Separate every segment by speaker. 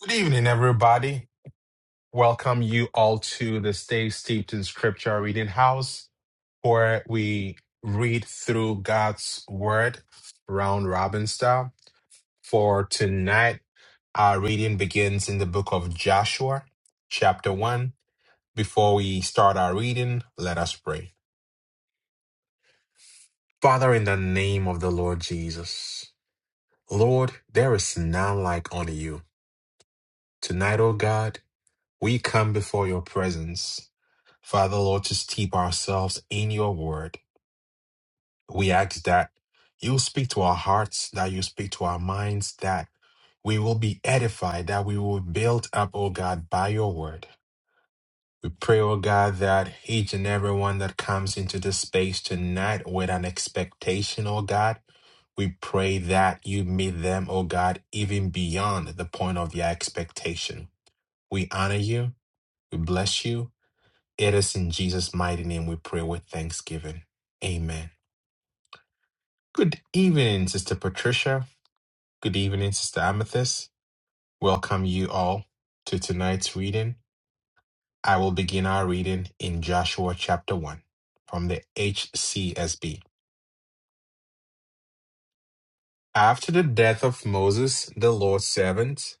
Speaker 1: Good evening, everybody. Welcome you all to the Stay Steeped in Scripture Reading House, where we read through God's Word round robin style. For tonight, our reading begins in the book of Joshua, chapter 1. Before we start our reading, let us pray. Father, in the name of the Lord Jesus, Lord, there is none like unto you. Tonight, O God, we come before your presence. Father, Lord, just keep ourselves in your word. We ask that you speak to our hearts, that you speak to our minds, that we will be edified, that we will build up, oh God, by your word. We pray, oh God, that each and everyone that comes into this space tonight with an expectation, oh God, we pray that you meet them, oh God, even beyond the point of their expectation. We honor you. We bless you. It is in Jesus' mighty name we pray with thanksgiving. Amen. Good evening, Sister Patricia. Good evening, Sister Amethyst. Welcome you all to tonight's reading. I will begin our reading in Joshua chapter 1 from the HCSB. After the death of Moses, the Lord's servant,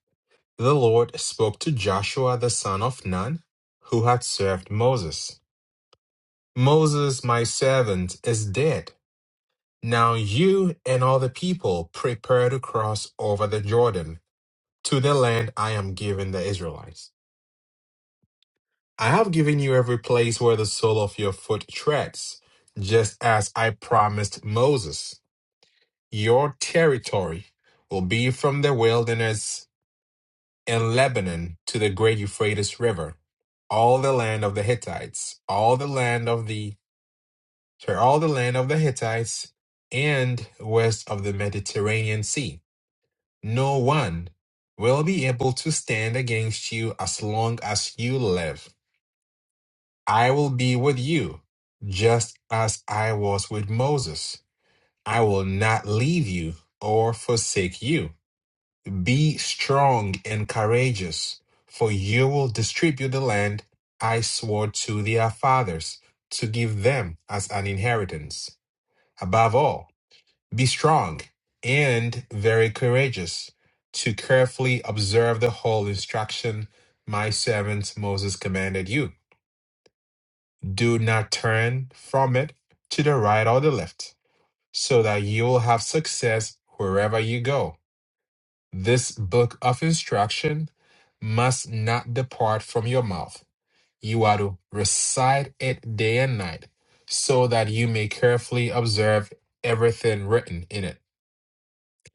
Speaker 1: the Lord spoke to Joshua the son of Nun, who had served Moses. Moses, my servant, is dead. Now you and all the people prepare to cross over the Jordan to the land I am giving the Israelites. I have given you every place where the sole of your foot treads, just as I promised Moses. Your territory will be from the wilderness in Lebanon to the great Euphrates River, all the land of the Hittites, all the land of the sorry, all the land of the Hittites, and west of the Mediterranean Sea No one will be able to stand against you as long as you live. I will be with you, just as I was with Moses. I will not leave you or forsake you. Be strong and courageous, for you will distribute the land I swore to their fathers to give them as an inheritance. Above all, be strong and very courageous to carefully observe the whole instruction my servant Moses commanded you. Do not turn from it to the right or the left, so that you will have success wherever you go. This book of instruction must not depart from your mouth. You are to recite it day and night, so that you may carefully observe everything written in it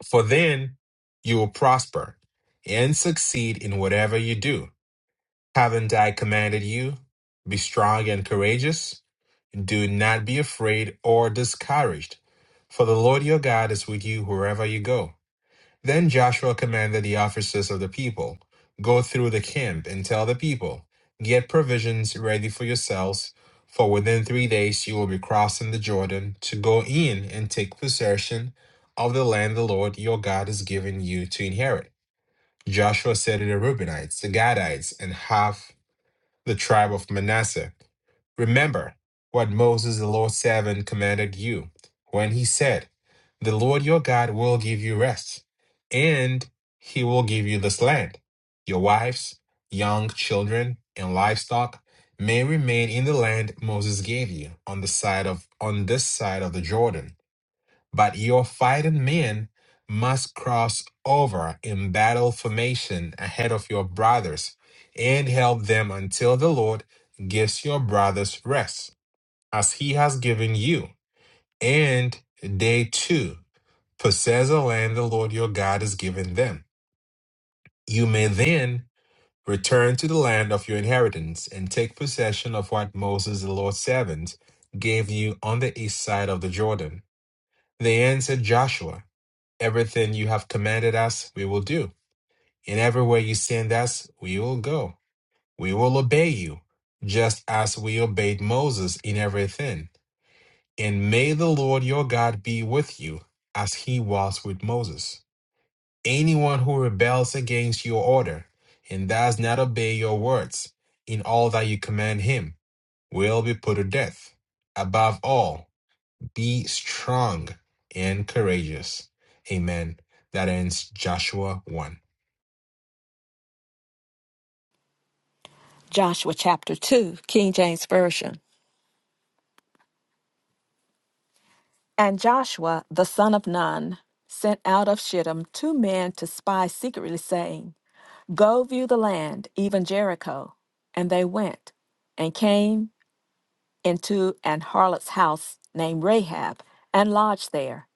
Speaker 1: For then you will prosper and succeed in whatever you do. Haven't I commanded you? Be strong and courageous. Do not be afraid or discouraged, for the Lord your God is with you wherever you go. Then Joshua commanded the officers of the people, Go through the camp and tell the people, 'Get provisions ready for yourselves, for within three days you will be crossing the Jordan to go in and take possession of the land the Lord your God is giving you to inherit. Joshua said to the Reubenites, the Gadites, and half the tribe of Manasseh. Remember what Moses, the Lord's servant, commanded you when he said, The Lord your God will give you rest, and he will give you this land. Your wives, young children, and livestock may remain in the land Moses gave you on the side of on this side of the Jordan but your fighting men must cross over in battle formation ahead of your brothers and help them until the Lord gives your brothers rest, as he has given you. And they too possess the land the Lord your God has given them. You may then return to the land of your inheritance and take possession of what Moses, the Lord's servant, gave you on the east side of the Jordan. They answered Joshua. Everything you have commanded us, we will do. And everywhere you send us, we will go. We will obey you, just as we obeyed Moses in everything. And may the Lord your God be with you, as he was with Moses. Anyone who rebels against your order and does not obey your words in all that you command him will be put to death. Above all, be strong and courageous. Amen. That ends Joshua 1.
Speaker 2: Joshua chapter 2, King James Version. And Joshua, the son of Nun, sent out of Shittim two men to spy secretly, saying, Go view the land, even Jericho. And they went and came into an harlot's house named Rahab and lodged there.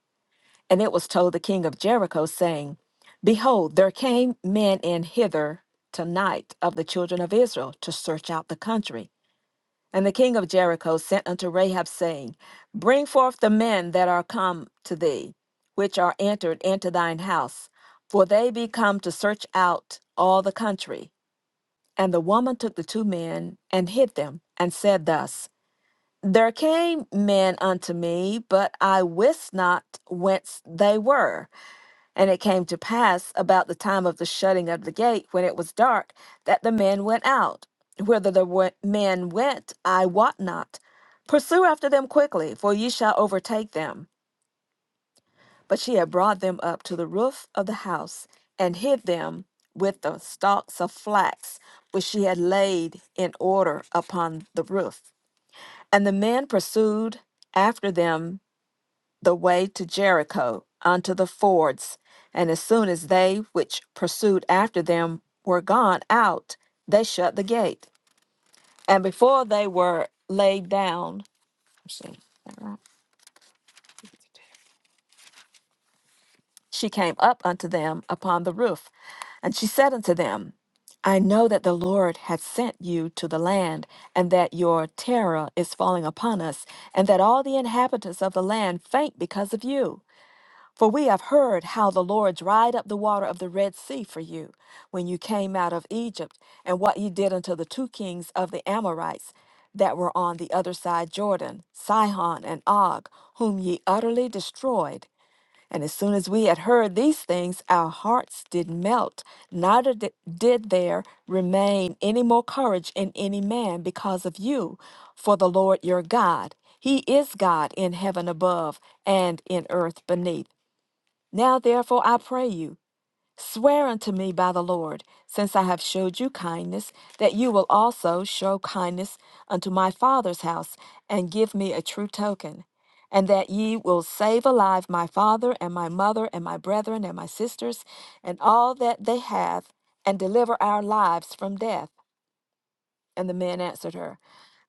Speaker 2: And it was told the king of Jericho, saying, Behold, there came men in hither tonight of the children of Israel to search out the country. And the king of Jericho sent unto Rahab, saying, Bring forth the men that are come to thee, which are entered into thine house, for they be come to search out all the country. And the woman took the two men and hid them, and said thus, There came men unto me, but I wist not whence they were. And it came to pass about the time of the shutting of the gate, when it was dark, that the men went out. Whither the we- men went, I wot not. Pursue after them quickly, for ye shall overtake them. But she had brought them up to the roof of the house, and hid them with the stalks of flax, which she had laid in order upon the roof. And the men pursued after them the way to Jericho unto the fords. And as soon as they which pursued after them were gone out, they shut the gate. And before they were laid down, let's see, is that right? she came up unto them upon the roof. And she said unto them, I know that the Lord hath sent you to the land, and that your terror is falling upon us, and that all the inhabitants of the land faint because of you. For we have heard how the Lord dried up the water of the Red Sea for you when you came out of Egypt, and what ye did unto the two kings of the Amorites that were on the other side Jordan, Sihon and Og, whom ye utterly destroyed. And as soon as we had heard these things, our hearts did melt, neither di- did there remain any more courage in any man because of you. For the Lord your God, He is God in heaven above and in earth beneath. Now, therefore, I pray you, swear unto me by the Lord, since I have showed you kindness, that you will also show kindness unto my father's house, and give me a true token, and that ye will save alive my father, and my mother, and my brethren, and my sisters, and all that they have, and deliver our lives from death. And the men answered her,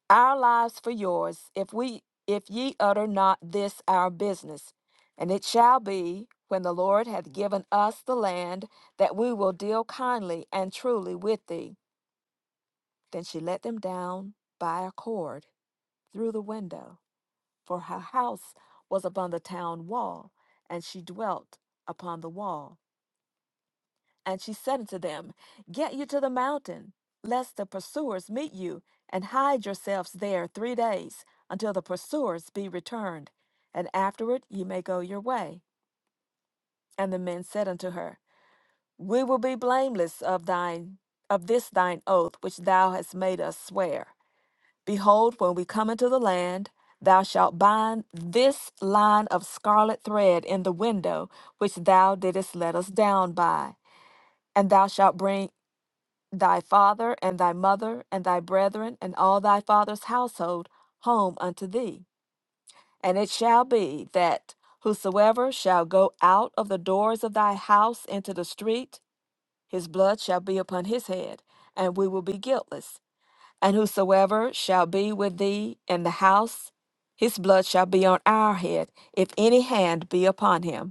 Speaker 2: our lives for yours if we if ye utter not this our business and it shall be when the lord hath given us the land that we will deal kindly and truly with thee then she let them down by a cord through the window for her house was upon the town wall and she dwelt upon the wall And she said unto them, Get you to the mountain, lest the pursuers meet you, and hide yourselves there three days, until the pursuers be returned, and afterward ye may go your way. And the men said unto her, We will be blameless of thine of this thine oath which thou hast made us swear. Behold, when we come into the land, thou shalt bind this line of scarlet thread in the window which thou didst let us down by, and thou shalt bring thy father and thy mother and thy brethren and all thy father's household home unto thee. And it shall be that whosoever shall go out of the doors of thy house into the street, his blood shall be upon his head, and we will be guiltless. And whosoever shall be with thee in the house, his blood shall be on our head, if any hand be upon him.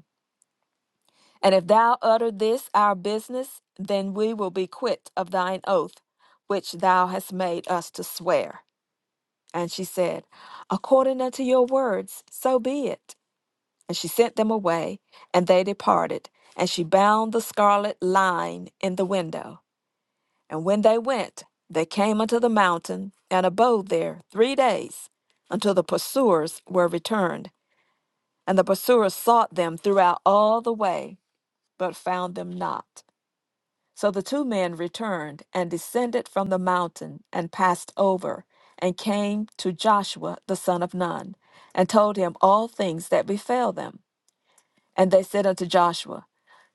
Speaker 2: And if thou utter this our business, then we will be quit of thine oath, which thou hast made us to swear. And she said, According unto your words, so be it. And she sent them away, and they departed. And she bound the scarlet line in the window. And when they went, they came unto the mountain, and abode there three days, until the pursuers were returned. And the pursuers sought them throughout all the way, but found them not. So the two men returned and descended from the mountain and passed over and came to Joshua the son of Nun and told him all things that befell them. And they said unto Joshua,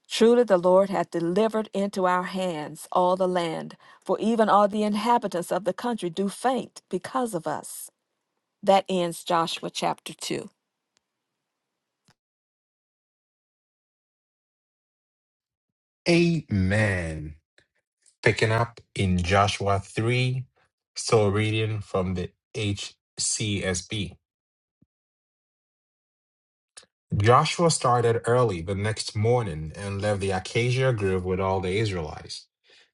Speaker 2: Truly the Lord hath delivered into our hands all the land, for even all the inhabitants of the country do faint because of us. That ends Joshua chapter 2.
Speaker 1: Amen. Picking up in Joshua 3, so reading from the HCSB. Joshua started early the next morning and left the Acacia Grove with all the Israelites.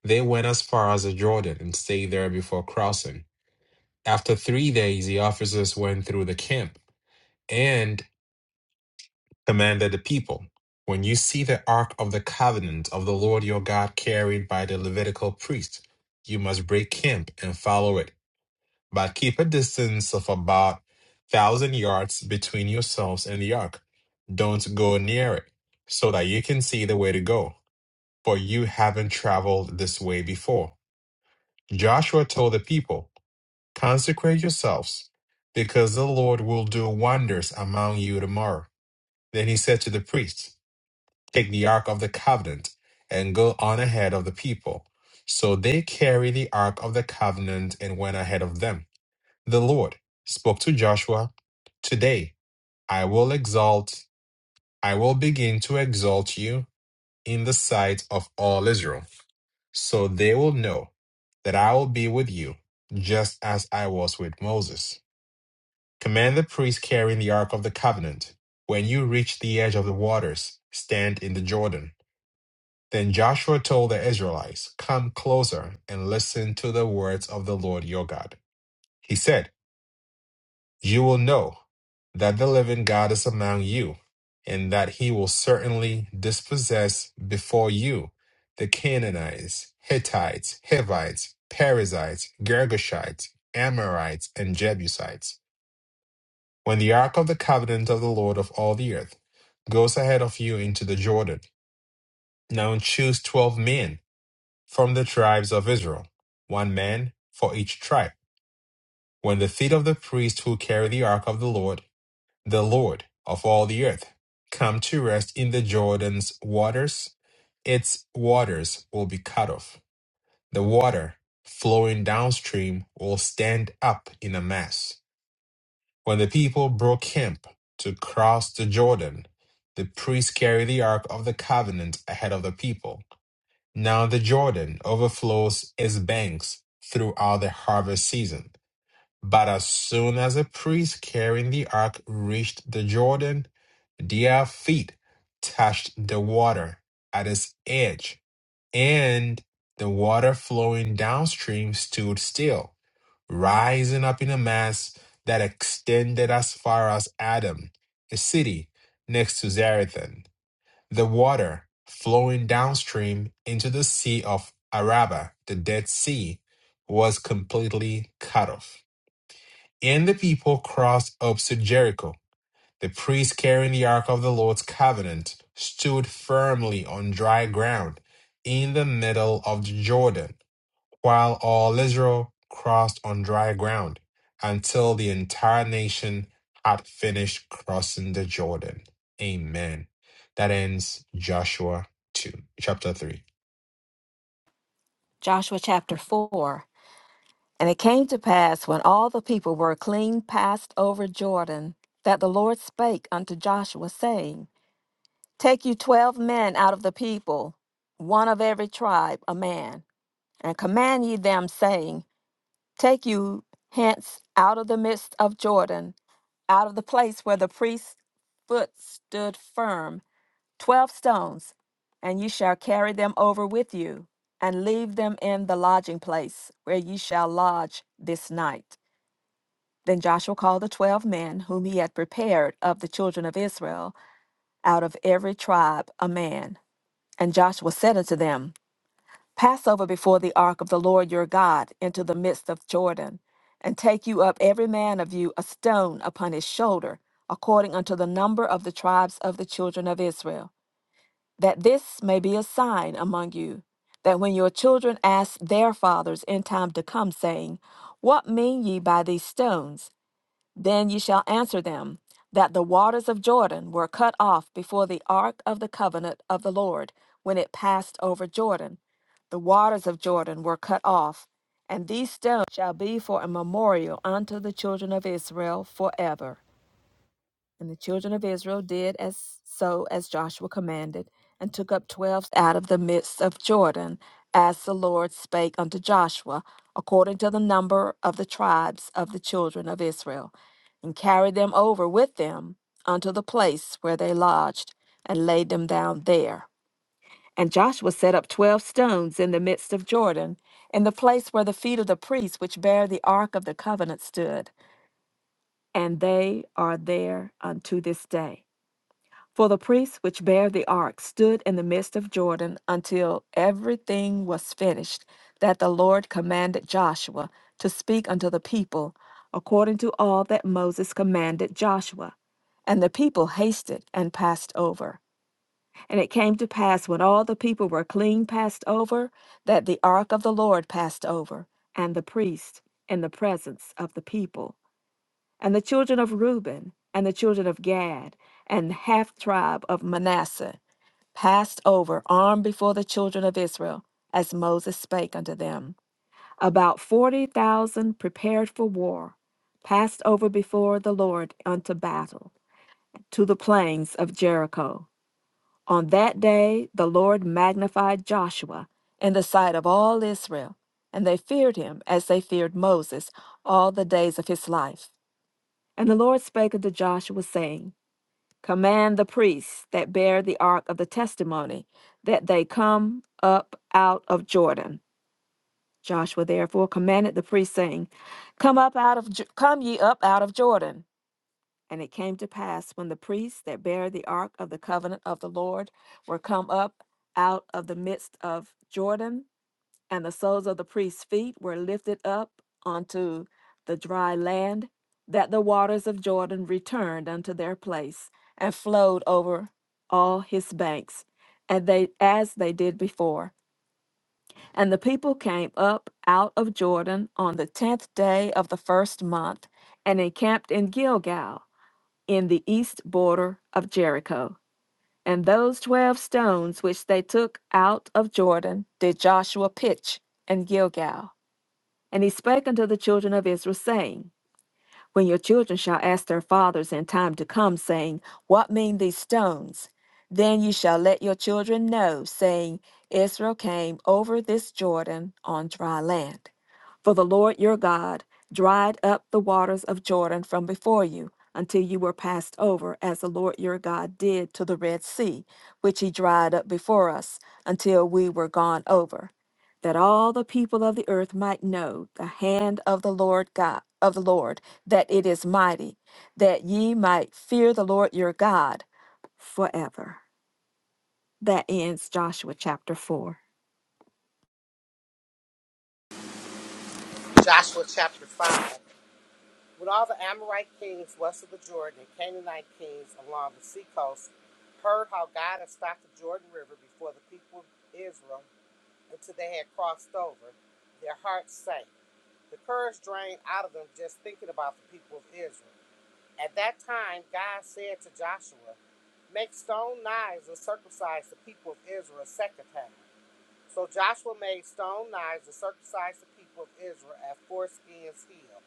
Speaker 1: They went as far as the Jordan and stayed there before crossing. After three days, the officers went through the camp and commanded the people When you see the ark of the covenant of the Lord your God carried by the Levitical priest, you must break camp and follow it but keep a distance of about thousand yards between yourselves and the ark. Don't go near it, so that you can see the way to go, for you haven't traveled this way before. Joshua told the people, Consecrate yourselves, because the Lord will do wonders among you tomorrow. Then he said to the priests, Take the ark of the covenant and go on ahead of the people. So they carried the ark of the covenant and went ahead of them. The Lord spoke to Joshua, Today I will exalt, I will begin to exalt you in the sight of all Israel, so they will know that I will be with you, just as I was with Moses. Command the priest carrying the Ark of the Covenant. When you reach the edge of the waters, stand in the Jordan. Then Joshua told the Israelites, Come closer and listen to the words of the Lord your God. He said, You will know that the living God is among you, and that he will certainly dispossess before you the Canaanites, Hittites, Hivites, Perizzites, Girgashites, Amorites, and Jebusites. When the ark of the covenant of the Lord of all the earth goes ahead of you into the Jordan, now choose twelve men from the tribes of Israel, one man for each tribe. When the feet of the priest who carry the ark of the Lord The Lord of all the earth, come to rest in the Jordan's waters. Its waters will be cut off. The water flowing downstream will stand up in a mass. When the people broke camp to cross the Jordan, the priests carried the Ark of the Covenant ahead of the people. Now the Jordan overflows its banks throughout the harvest season. But as soon as the priests carrying the ark reached the Jordan, their feet touched the water at its edge, and the water flowing downstream stood still, rising up in a mass that extended as far as Adam, a city next to Zarethan. The water flowing downstream into the sea of Araba, the Dead Sea, was completely cut off. And the people crossed up to Jericho the priests carrying the Ark of the Lord's covenant stood firmly on dry ground in the middle of the Jordan, while all Israel crossed on dry ground until the entire nation had finished crossing the Jordan. Amen. That ends Joshua 2, chapter 3.
Speaker 2: Joshua chapter 4 And it came to pass when all the people were clean passed over Jordan, that the Lord spake unto Joshua, saying, Take you twelve men out of the people, one of every tribe, a man, and command ye them, saying, Take you hence out of the midst of Jordan, out of the place where the priest's foot stood firm, twelve stones, and ye shall carry them over with you, and leave them in the lodging place where ye shall lodge this night. Then Joshua called the twelve men whom he had prepared of the children of Israel, out of every tribe a man. And Joshua said unto them, Pass over before the ark of the Lord your God into the midst of Jordan, and take you up every man of you a stone upon his shoulder, according unto the number of the tribes of the children of Israel, that this may be a sign among you, that when your children ask their fathers in time to come, saying, What mean ye by these stones? Then ye shall answer them that the waters of Jordan were cut off before the ark of the covenant of the Lord, when it passed over Jordan. The waters of Jordan were cut off, and these stones shall be for a memorial unto the children of Israel forever. And the children of Israel did as so as Joshua commanded, and took up twelve out of the midst of Jordan, as the Lord spake unto Joshua, according to the number of the tribes of the children of Israel, and carried them over with them unto the place where they lodged, and laid them down there. And Joshua set up twelve stones in the midst of Jordan, in the place where the feet of the priests which bare the ark of the covenant stood, and they are there unto this day. For the priests which bare the ark stood in the midst of Jordan until everything was finished that the Lord commanded Joshua to speak unto the people, according to all that Moses commanded Joshua. And the people hasted and passed over. And it came to pass when all the people were clean passed over, that the ark of the Lord passed over, and the priest in the presence of the people and the children of Reuben, and the children of Gad, and the half tribe of Manasseh passed over armed before the children of Israel, as Moses spake unto them. About forty thousand prepared for war passed over before the Lord unto battle to the plains of Jericho. On that day the Lord magnified Joshua in the sight of all Israel, and they feared him as they feared Moses all the days of his life. And the Lord spake unto Joshua, saying, Command the priests that bear the ark of the testimony that they come up out of Jordan. Joshua therefore commanded the priests, saying, Come up out of Jo- come ye up out of Jordan. And it came to pass when the priests that bear the ark of the covenant of the Lord were come up out of the midst of Jordan, and the soles of the priest's feet were lifted up onto the dry land, that the waters of Jordan returned unto their place, and flowed over all his banks, and they as they did before. And the people came up out of Jordan on the tenth day of the first month, and encamped in Gilgal, in the east border of Jericho. And those twelve stones which they took out of Jordan did Joshua pitch in Gilgal. And he spake unto the children of Israel, saying, When your children shall ask their fathers in time to come, saying, What mean these stones? Then ye shall let your children know, saying, Israel came over this Jordan on dry land. For the Lord your God dried up the waters of Jordan from before you, until you were passed over, as the Lord your God did to the Red Sea, which he dried up before us, until we were gone over that all the people of the earth might know the hand of the Lord God of the Lord that it is mighty that ye might fear the Lord your God forever that ends Joshua chapter 4
Speaker 3: Joshua chapter 5. When all the Amorite kings west of the Jordan and Canaanite kings along the seacoast heard how God had stopped the Jordan River before the people of Israel until they had crossed over, their hearts sank. The courage drained out of them just thinking about the people of Israel. At that time, God said to Joshua, Make stone knives and circumcise the people of Israel a second time. So Joshua made stone knives and circumcised the people of Israel at foreskins heel.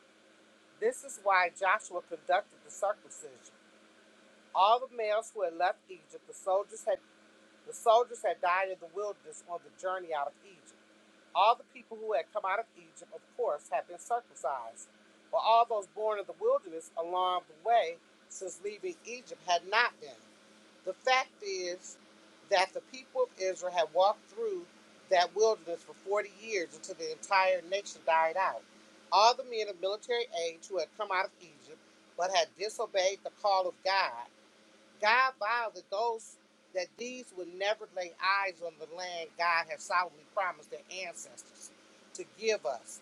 Speaker 3: This is why Joshua conducted the circumcision. All the males who had left Egypt, the soldiers had the soldiers had died in the wilderness on the journey out of Egypt. All the people who had come out of Egypt, of course, had been circumcised. But all those born in the wilderness along the way since leaving Egypt had not been. The fact is that the people of Israel had walked through that wilderness for 40 years until the entire nation died out. All the men of military age who had come out of Egypt but had disobeyed the call of God, God vowed that those that these would never lay eyes on the land God had solemnly promised their ancestors to give us,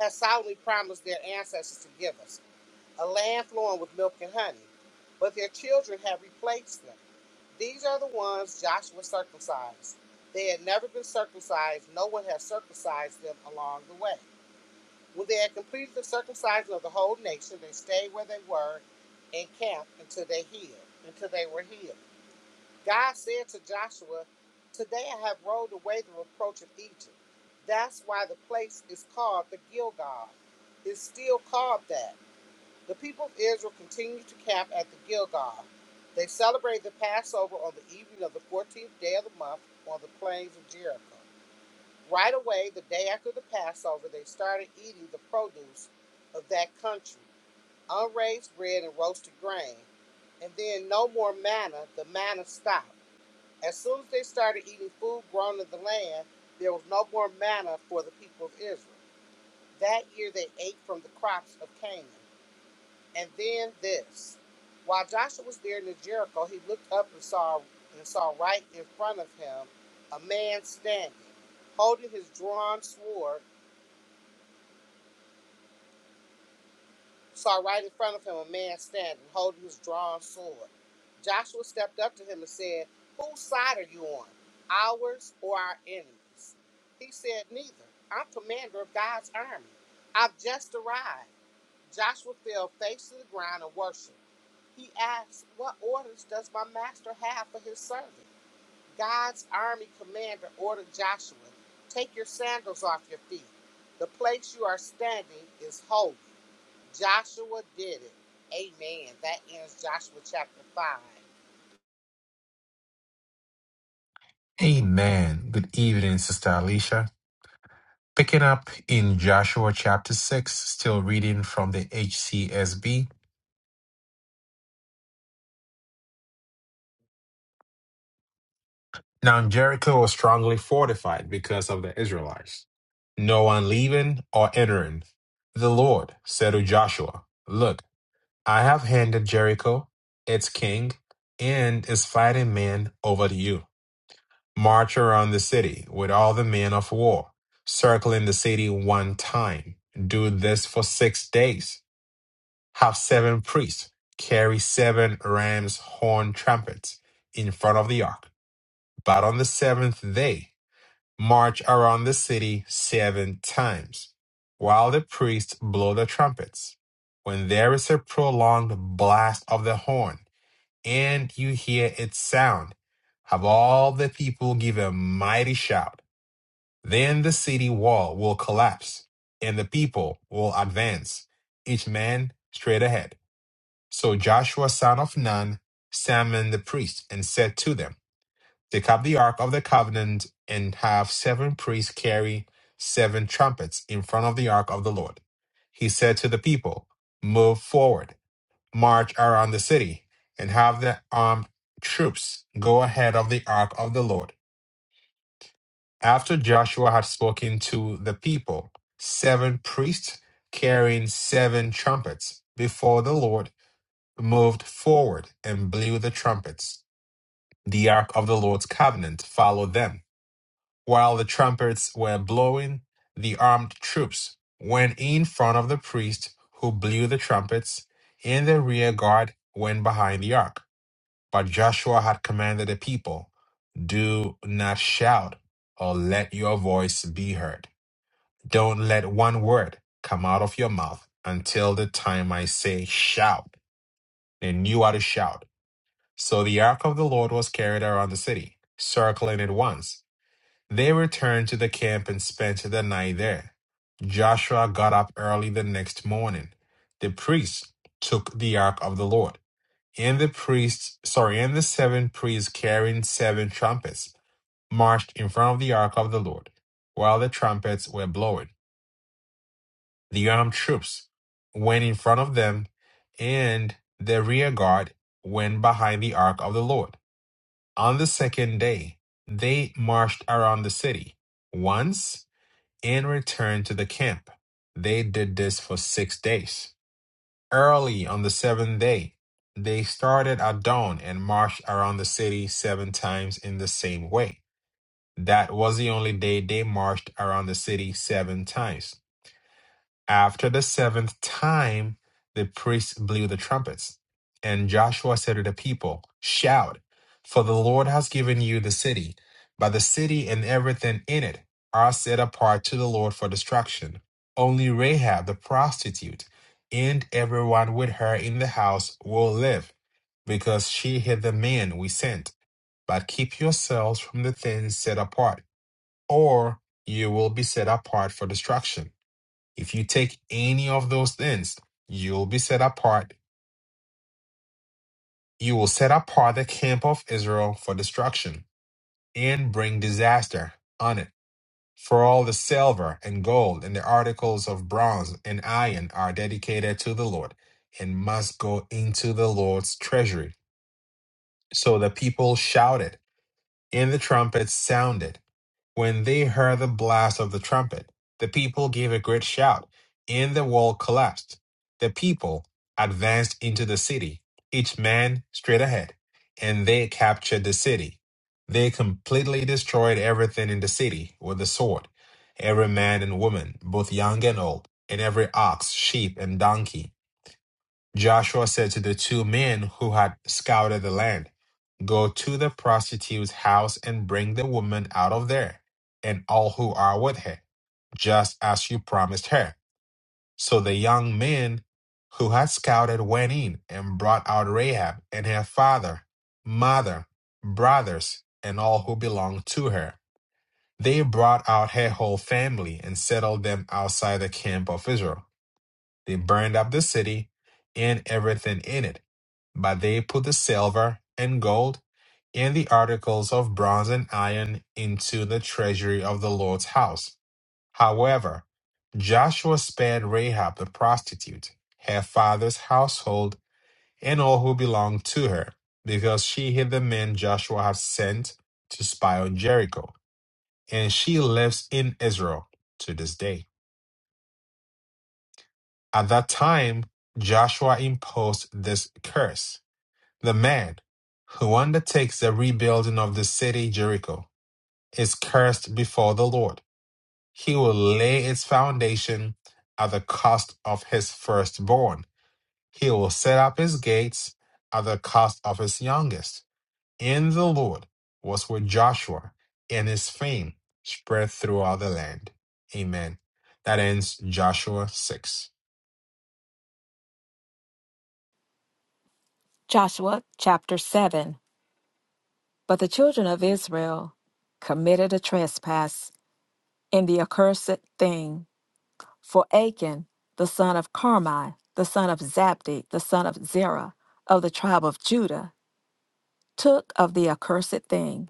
Speaker 3: had solemnly promised their ancestors to give us, a land flowing with milk and honey. But their children had replaced them. These are the ones Joshua circumcised. They had never been circumcised, no one had circumcised them along the way. When they had completed the circumcision of the whole nation, they stayed where they were and camped until they healed, until they were healed. God said to Joshua, Today I have rolled away the reproach of Egypt. That's why the place is called the Gilgal. It's still called that. The people of Israel continued to camp at the Gilgal. They celebrated the Passover on the evening of the 14th day of the month on the plains of Jericho. Right away, the day after the Passover, they started eating the produce of that country unraised bread and roasted grain, and then no more manna. The manna stopped. As soon as they started eating food grown in the land, there was no more manna for the people of Israel. That year, they ate from the crops of Canaan. And then this. While Joshua was there near Jericho, he looked up and saw and saw right in front of him a man standing, holding his drawn sword. Saw right in front of him a man standing, holding his drawn sword. Joshua stepped up to him and said, Whose side are you on? Ours or our enemies? He said, Neither. I'm commander of God's army. I've just arrived. Joshua fell face to the ground and worshiped. He asks, What orders does my master have for his servant? God's army commander ordered Joshua, Take your sandals off your feet. The place you are standing is holy. Joshua did it. Amen. That ends Joshua chapter 5.
Speaker 1: Amen. Good evening, Sister Alicia. Picking up in Joshua chapter 6, still reading from the HCSB. Now Jericho was strongly fortified because of the Israelites. No one leaving or entering. The Lord said to Joshua, Look, I have handed Jericho, its king, and its fighting men over to you. March around the city with all the men of war, circling the city one time. Do this for six days. Have seven priests carry seven ram's horn trumpets in front of the ark. But on the seventh day, march around the city seven times, while the priests blow the trumpets. When there is a prolonged blast of the horn, and you hear its sound, have all the people give a mighty shout. Then the city wall will collapse, and the people will advance, each man straight ahead. So Joshua son of Nun summoned the priests and said to them, Take up the Ark of the Covenant and have seven priests carry seven trumpets in front of the Ark of the Lord. He said to the people, Move forward, march around the city, and have the armed troops go ahead of the Ark of the Lord. After Joshua had spoken to the people, seven priests carrying seven trumpets before the Lord moved forward and blew the trumpets. The Ark of the Lord's covenant followed them While the trumpets were blowing, the armed troops went in front of the priest who blew the trumpets, and the rear guard went behind the ark. But Joshua had commanded the people, Do not shout or let your voice be heard. Don't let one word come out of your mouth until the time I say shout. They knew how to shout. So the ark of the Lord was carried around the city, circling it once. They returned to the camp and spent the night there. Joshua got up early the next morning. The priests took the ark of the Lord, and the priests, sorry, and the seven priests carrying seven trumpets marched in front of the ark of the Lord. While the trumpets were blowing, the armed troops went in front of them, and the rear guard went behind the ark of the Lord. On the second day, they marched around the city once and returned to the camp. They did this for six days. Early on the seventh day, they started at dawn and marched around the city seven times in the same way. That was the only day they marched around the city seven times. After the seventh time, the priests blew the trumpets. And Joshua said to the people, Shout, for the Lord has given you the city, but the city and everything in it are set apart to the Lord for destruction. Only Rahab the prostitute and everyone with her in the house will live, because she hid the man we sent. But keep yourselves from the things set apart, or you will be set apart for destruction. If you take any of those things, you'll be set apart. You will set apart the camp of Israel for destruction and bring disaster on it. For all the silver and gold and the articles of bronze and iron are dedicated to the Lord and must go into the Lord's treasury. So the people shouted and the trumpets sounded. When they heard the blast of the trumpet, the people gave a great shout, and the wall collapsed. The people advanced into the city, each man straight ahead, and they captured the city. They completely destroyed everything in the city with the sword, every man and woman, both young and old, and every ox, sheep, and donkey. Joshua said to the two men who had scouted the land, Go to the prostitute's house and bring the woman out of there, and all who are with her, just as you promised her. So the young men who had scouted went in and brought out Rahab and her father, mother, brothers, and all who belonged to her. They brought out her whole family and settled them outside the camp of Israel. They burned up the city and everything in it, but they put the silver and gold and the articles of bronze and iron into the treasury of the Lord's house. However, Joshua spared Rahab the prostitute, her father's household, and all who belonged to her, because she hid the men Joshua had sent to spy on Jericho, and she lives in Israel to this day. At that time, Joshua imposed this curse The man who undertakes the rebuilding of the city Jericho is cursed before the Lord. He will lay its foundation at the cost of his firstborn. He will set up his gates at the cost of his youngest. In the Lord was with Joshua, and his fame spread throughout the land. Amen. That ends Joshua 6.
Speaker 2: Joshua chapter 7 but the children of Israel committed a trespass in the accursed thing for Achan the son of Carmi the son of Zabdi the son of Zerah of the tribe of Judah took of the accursed thing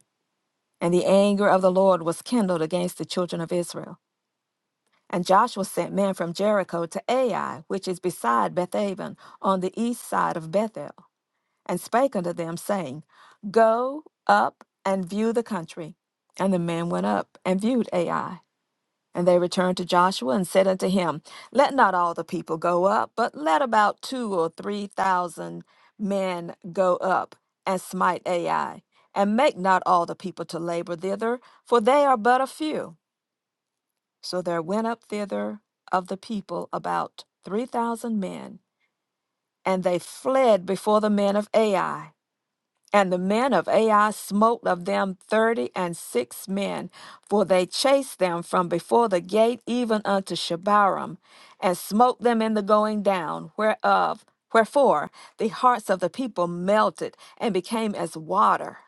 Speaker 2: And the anger of the Lord was kindled against the children of Israel. And Joshua sent men from Jericho to Ai, which is beside Bethaven, on the east side of Bethel, and spake unto them, saying, Go up and view the country. And the men went up and viewed Ai. And they returned to Joshua and said unto him, Let not all the people go up, but let about two or three thousand men go up and smite Ai, and make not all the people to labor thither, for they are but a few. So there went up thither of the people about three thousand men, and they fled before the men of Ai. And the men of Ai smote of them thirty and six men, for they chased them from before the gate even unto Shebarim, and smote them in the going down, whereof wherefore the hearts of the people melted and became as water.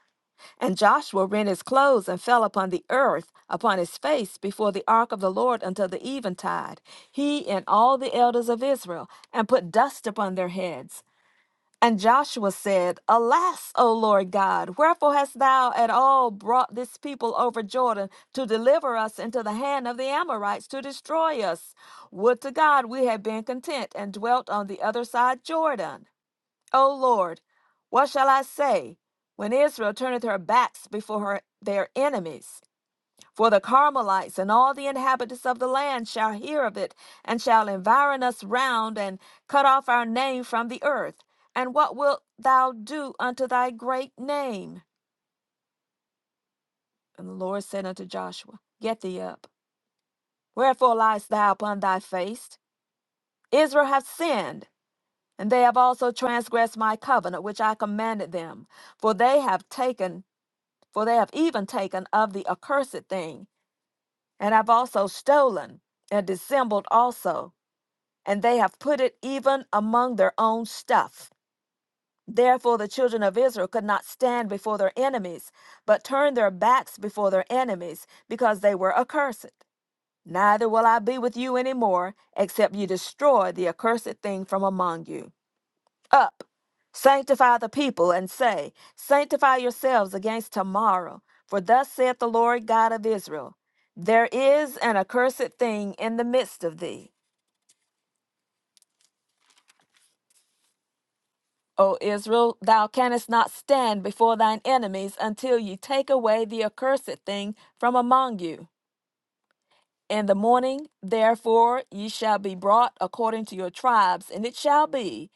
Speaker 2: And Joshua rent his clothes and fell upon the earth, upon his face, before the ark of the Lord until the eventide, he and all the elders of Israel, and put dust upon their heads. And Joshua said, Alas, O Lord God, wherefore hast thou at all brought this people over Jordan to deliver us into the hand of the Amorites to destroy us? Would to God we had been content and dwelt on the other side Jordan. O Lord, what shall I say when Israel turneth her backs before her, their enemies? For the Carmelites and all the inhabitants of the land shall hear of it, and shall environ us round, and cut off our name from the earth. And what wilt thou do unto thy great name? And the Lord said unto Joshua, Get thee up. Wherefore liest thou upon thy face? Israel hath sinned, and they have also transgressed my covenant which I commanded them. For they have taken, for they have even taken of the accursed thing, and have also stolen, and dissembled also. and they have put it even among their own stuff. Therefore, the children of Israel could not stand before their enemies, but turned their backs before their enemies, because they were accursed. Neither will I be with you any more, except you destroy the accursed thing from among you. Up, sanctify the people, and say, Sanctify yourselves against tomorrow, for thus saith the Lord God of Israel There is an accursed thing in the midst of thee O Israel, thou canst not stand before thine enemies until ye take away the accursed thing from among you. In the morning, therefore, ye shall be brought according to your tribes, and it shall be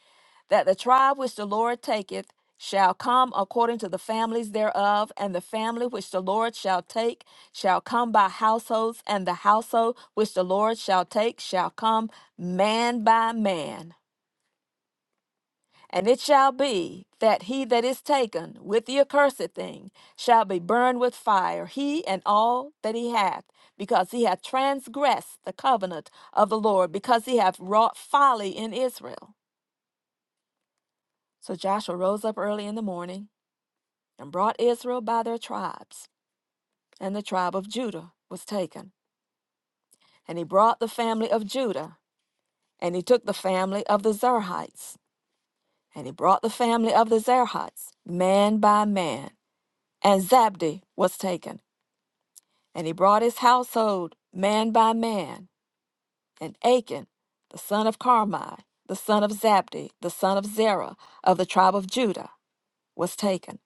Speaker 2: that the tribe which the Lord taketh shall come according to the families thereof, and the family which the Lord shall take shall come by households, and the household which the Lord shall take shall come man by man. And it shall be that he that is taken with the accursed thing shall be burned with fire, he and all that he hath, because he hath transgressed the covenant of the Lord, because he hath wrought folly in Israel. So Joshua rose up early in the morning and brought Israel by their tribes, and the tribe of Judah was taken. And he brought the family of Judah, and he took the family of the Zerhites, and he brought the family of the Zerhites, man by man. And Zabdi was taken, and he brought his household man by man. And Achan, the son of Carmi, the son of Zabdi, the son of Zerah, of the tribe of Judah, was taken.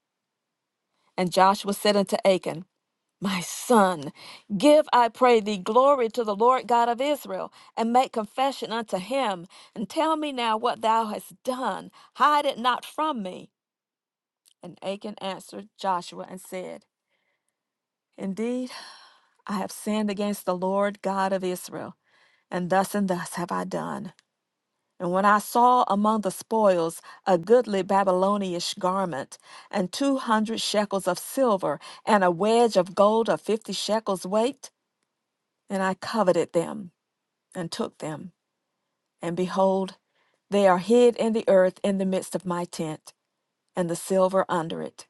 Speaker 2: And Joshua said unto Achan, My son, give, I pray thee, glory to the Lord God of Israel, and make confession unto him, and tell me now what thou hast done. Hide it not from me. And Achan answered Joshua and said, Indeed, I have sinned against the Lord God of Israel, and thus and thus have I done. And when I saw among the spoils a goodly Babylonish garment, and two hundred shekels of silver, and a wedge of gold of fifty shekels weight, and I coveted them, and took them, and behold, they are hid in the earth in the midst of my tent, and the silver under it.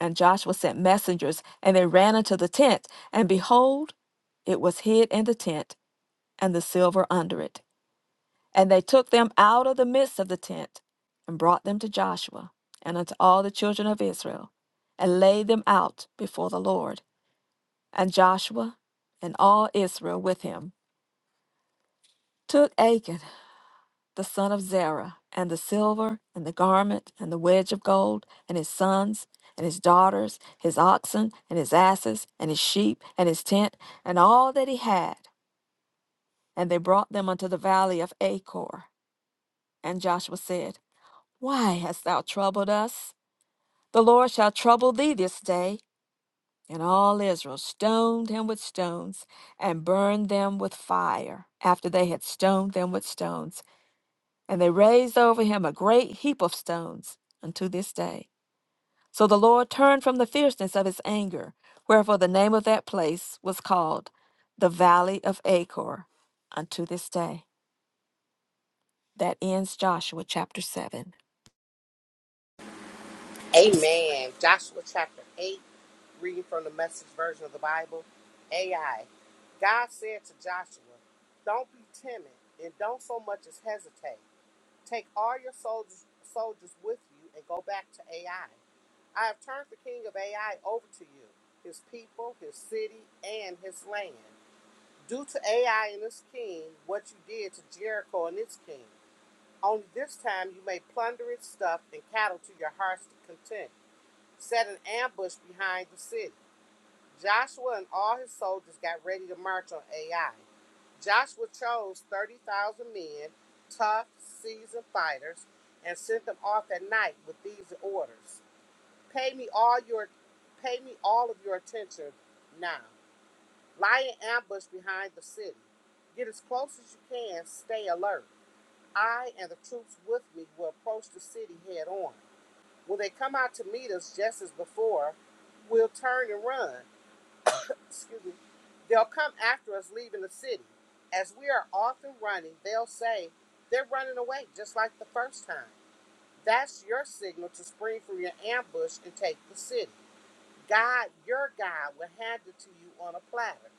Speaker 2: And Joshua sent messengers, and they ran unto the tent, and behold, it was hid in the tent and the silver under it. And they took them out of the midst of the tent, and brought them to Joshua, and unto all the children of Israel, and laid them out before the Lord. And Joshua and all Israel with him took Achan, the son of Zerah, and the silver, and the garment, and the wedge of gold, and his sons, and his daughters, his oxen, and his asses, and his sheep, and his tent, and all that he had. And they brought them unto the valley of Achor And Joshua said, Why hast thou troubled us? The Lord shall trouble thee this day. And all Israel stoned him with stones and burned them with fire after they had stoned them with stones. And they raised over him a great heap of stones unto this day. So the Lord turned from the fierceness of his anger, wherefore the name of that place was called the Valley of Achor unto this day. That ends Joshua chapter 7.
Speaker 3: Amen. Joshua chapter 8, reading from the message version of the Bible. AI. God said to Joshua, Don't be timid and don't so much as hesitate. Take all your soldiers, soldiers with you and go back to AI. I have turned the king of AI over to you, his people, his city, and his land. Do to AI and his king what you did to Jericho and its king. Only this time you may plunder its stuff and cattle to your heart's content. Set an ambush behind the city. Joshua and all his soldiers got ready to march on Ai. Joshua chose 30,000 men, tough, seasoned fighters, and sent them off at night with these orders. Pay me all your pay me all of your attention now. Lie in ambush behind the city. Get as close as you can, stay alert. I and the troops with me will approach the city head on. When they come out to meet us just as before, we'll turn and run excuse me, they'll come after us leaving the city. As we are off and running, they'll say, they're running away just like the first time. That's your signal to spring from your ambush and take the city. God, your God, will hand it to you on a platter.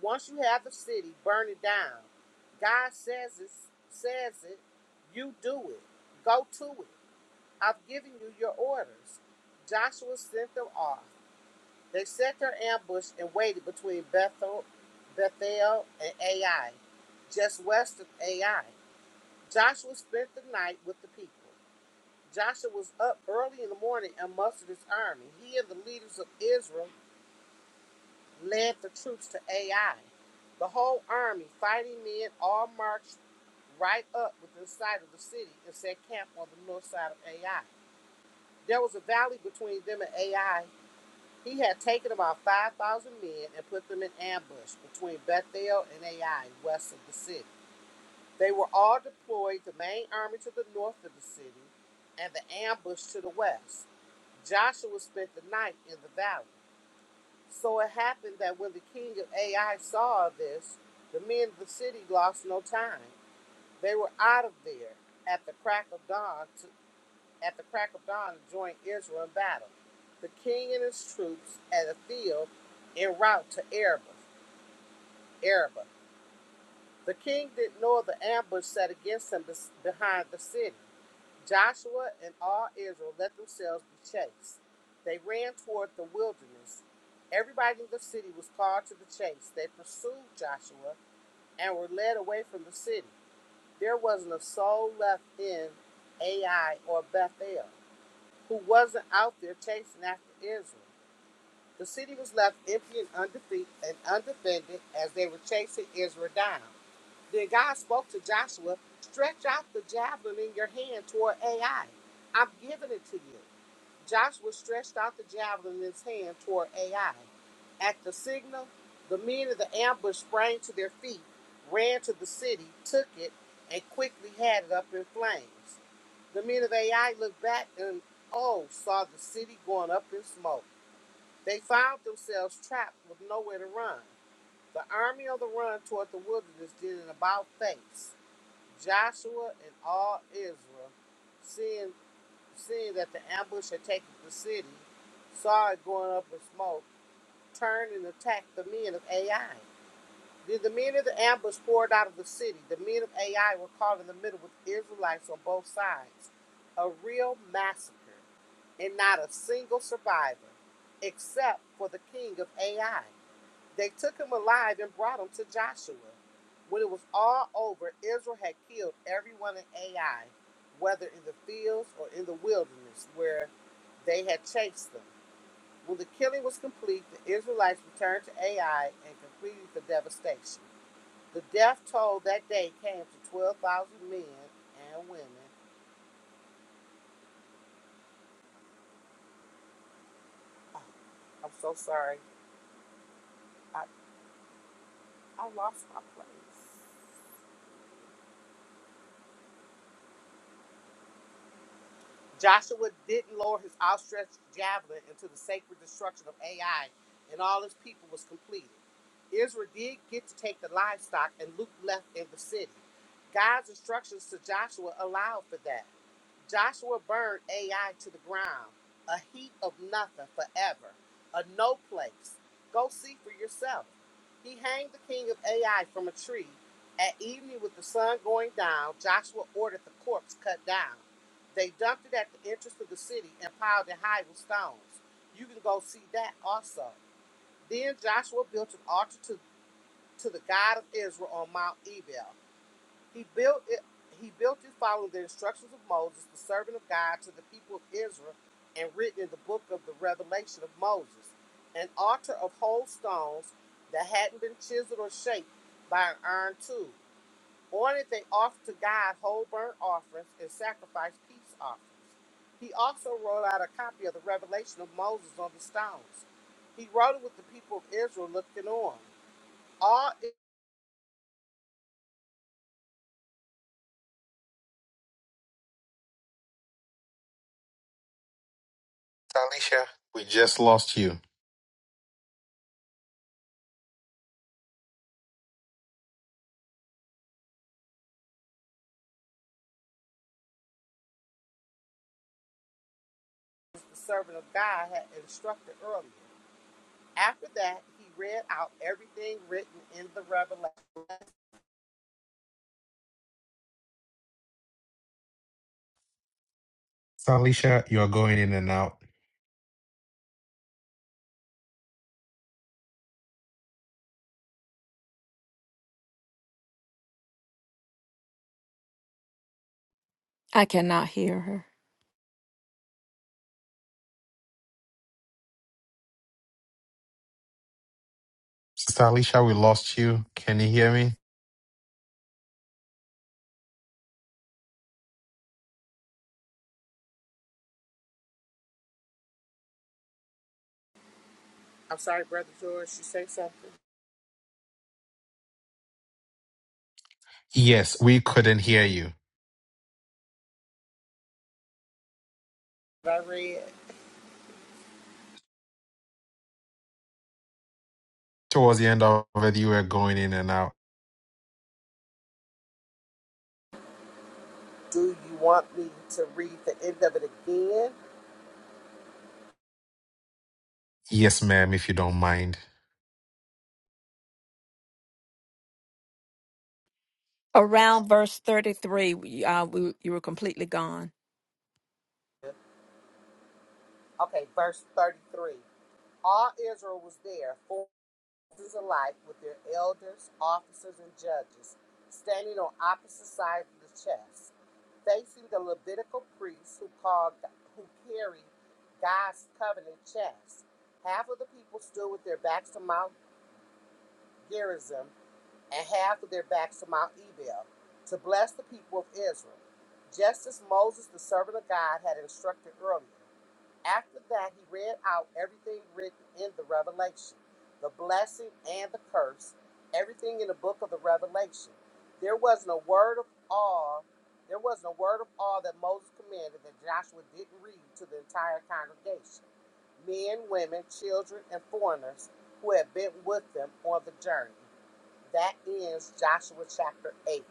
Speaker 3: Once you have the city, burn it down. God says it, says it, you do it. Go to it. I've given you your orders. Joshua sent them off. They set their ambush and waited between Bethel, Bethel and Ai, just west of Ai. Joshua spent the night with the people. Joshua was up early in the morning and mustered his army. He and the leaders of Israel led the troops to Ai. The whole army, fighting men, all marched right up within sight of the city and set camp on the north side of Ai. There was a valley between them and Ai He had taken about 5,000 men and put them in ambush between Bethel and Ai, west of the city. They were all deployed, the main army to the north of the city and the ambush to the west. Joshua spent the night in the valley. So it happened that when the king of Ai saw this, the men of the city lost no time. They were out of there at the crack of dawn to at the crack of dawn to join Israel in battle. The king and his troops at a field en route to Araba. Araba. The king didn't know of the ambush set against him behind the city. Joshua and all Israel let themselves be chased. They ran toward the wilderness. Everybody in the city was called to the chase. They pursued Joshua and were led away from the city. There wasn't a soul left in Ai or Bethel. who wasn't out there chasing after Israel. The city was left empty and undefeated and undefended as they were chasing Israel down. Then God spoke to Joshua, stretch out the javelin in your hand toward Ai. i have given it to you. Joshua stretched out the javelin in his hand toward Ai. At the signal, the men of the ambush sprang to their feet, ran to the city, took it, and quickly had it up in flames. The men of AI looked back and, oh, saw the city going up in smoke. They found themselves trapped with nowhere to run. The army on the run toward the wilderness did an about face. Joshua and all Israel, seeing, seeing that the ambush had taken the city, saw it going up in smoke, turned and attacked the men of AI. Then the men of the ambush poured out of the city. The men of AI were caught in the middle with Israelites on both sides. A real massacre and not a single survivor, except for the king of Ai. They took him alive and brought him to Joshua. When it was all over, Israel had killed everyone in Ai, whether in the fields or in the wilderness where they had chased them. When the killing was complete, the Israelites returned to Ai and completed the devastation. The death toll that day came to 12,000 men and women. Oh, I'm so sorry. I, I lost my place. Joshua didn't lower his outstretched javelin until the sacred destruction of Ai and all his people was completed. Israel did get to take the livestock, and Luke left in the city. God's instructions to Joshua allowed for that. Joshua burned AI to the ground, a heap of nothing forever, a no place. Go see for yourself. He hanged the king of AI from a tree. At evening, with the sun going down, Joshua ordered the corpse cut down. They dumped it at the entrance of the city and piled it high with stones. You can go see that also. Then Joshua built an altar to, to the God of Israel on Mount Ebal. He built it. He built it following the instructions of Moses, the servant of God, to the people of Israel, and written in the book of the Revelation of Moses, an altar of whole stones that hadn't been chiseled or shaped by an iron tool. On it they offered to God whole burnt offerings and sacrificed peace offerings. He also wrote out a copy of the Revelation of Moses on the stones. He wrote it with the people of Israel looking on, all is
Speaker 1: Talisha, we just lost you.
Speaker 3: the servant of God had instructed earlier. After that, he read out everything written in the Revelation.
Speaker 1: Talisha, you are going in and out.
Speaker 2: I cannot hear her.
Speaker 1: Sister Alicia, we lost you. Can you hear me?
Speaker 3: I'm sorry, Brother George, you say something
Speaker 1: Yes, we couldn't hear you.
Speaker 3: that I read.
Speaker 1: Towards the end of it, you were going in and out.
Speaker 3: Do you want me to read the end of it again?
Speaker 1: Yes, ma'am, if you don't mind.
Speaker 2: Around verse 33, we- uh, we, you were completely gone.
Speaker 3: Okay, verse 33. All Israel was there, forces alike, with their elders, officers, and judges, standing on opposite sides of the chest, facing the Levitical priests who called, who carried God's covenant chest. Half of the people stood with their backs to Mount Gerizim and half of their backs to Mount Ebal to bless the people of Israel, just as Moses, the servant of God, had instructed earlier. After that, he read out everything written in the revelation, the blessing and the curse, everything in the book of the revelation. There wasn't a word of all. There wasn't a word of all that Moses commanded that Joshua didn't read to the entire congregation men, women, children, and foreigners who had been with them on the journey. That is Joshua chapter 8.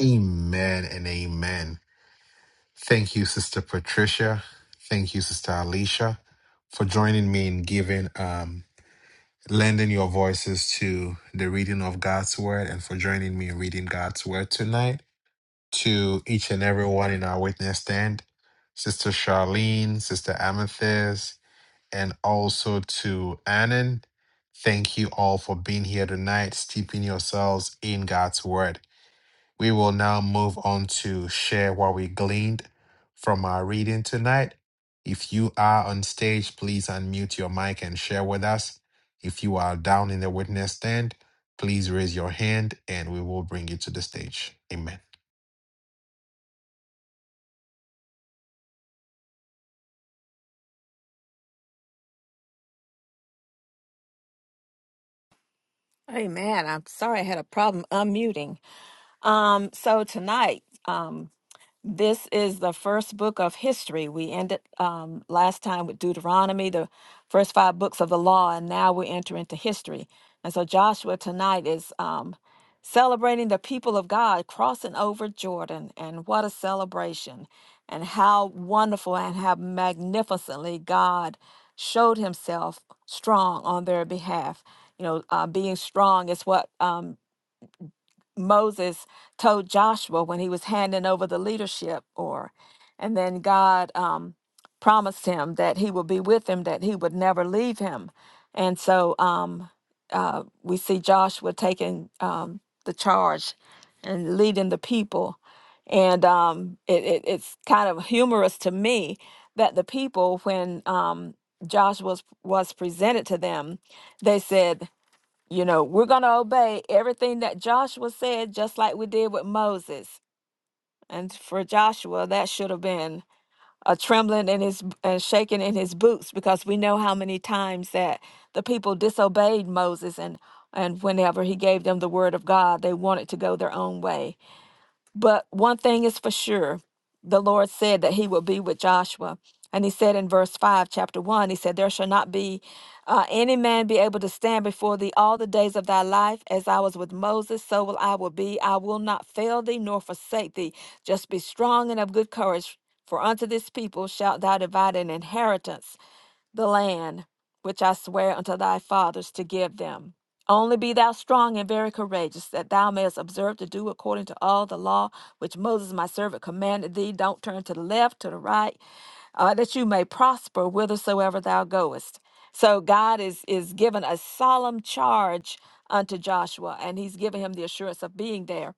Speaker 1: Amen and amen. Thank you, Sister Patricia. Thank you, Sister Alicia, for joining me in giving, um, lending your voices to the reading of God's word and for joining me in reading God's word tonight. to each and everyone in our witness stand, Sister Charlene, Sister Amethyst, and also to Annan. Thank you all for being here tonight, steeping yourselves in God's Word. We will now move on to share what we gleaned from our reading tonight. If you are on stage, please unmute your mic and share with us. If you are down in the witness stand, please raise your hand and we will bring you to the stage. Amen.
Speaker 2: Hey, man, I'm sorry I had a problem unmuting. Um, so tonight, um, This is the first book of history. We ended um, last time with Deuteronomy, the first five books of the law, and now we enter into history. And so Joshua tonight is um, celebrating the people of God crossing over Jordan. And what a celebration! And how wonderful and how magnificently God showed himself strong on their behalf. You know, uh, being strong is what um, Moses told Joshua when he was handing over the leadership, or and then God um, promised him that He would be with him, that He would never leave him, and so um, uh, we see Joshua taking um, the charge and leading the people, and um, it, it, it's kind of humorous to me that the people when um, Joshua was, was presented to them, they said. You know, we're going to obey everything that Joshua said, just like we did with Moses. And for Joshua, that should have been a trembling in his and shaking in his boots because we know how many times that the people disobeyed Moses and and whenever he gave them the word of God, they wanted to go their own way but one thing is for sure the Lord said that he will be with Joshua. And he said in verse 5, chapter 1, he said, There shall not be uh, any man be able to stand before thee all the days of thy life. As I was with Moses, so will I will be. I will not fail thee nor forsake thee. Just be strong and of good courage. For unto this people shalt thou divide an inheritance the land which I swear unto thy fathers to give them. Only be thou strong and very courageous, that thou mayest observe to do according to all the law which Moses my servant commanded thee. Don't turn to the left, to the right, uh, that you may prosper whithersoever thou goest. So God is is given a solemn charge unto Joshua, and He's given him the assurance of being there.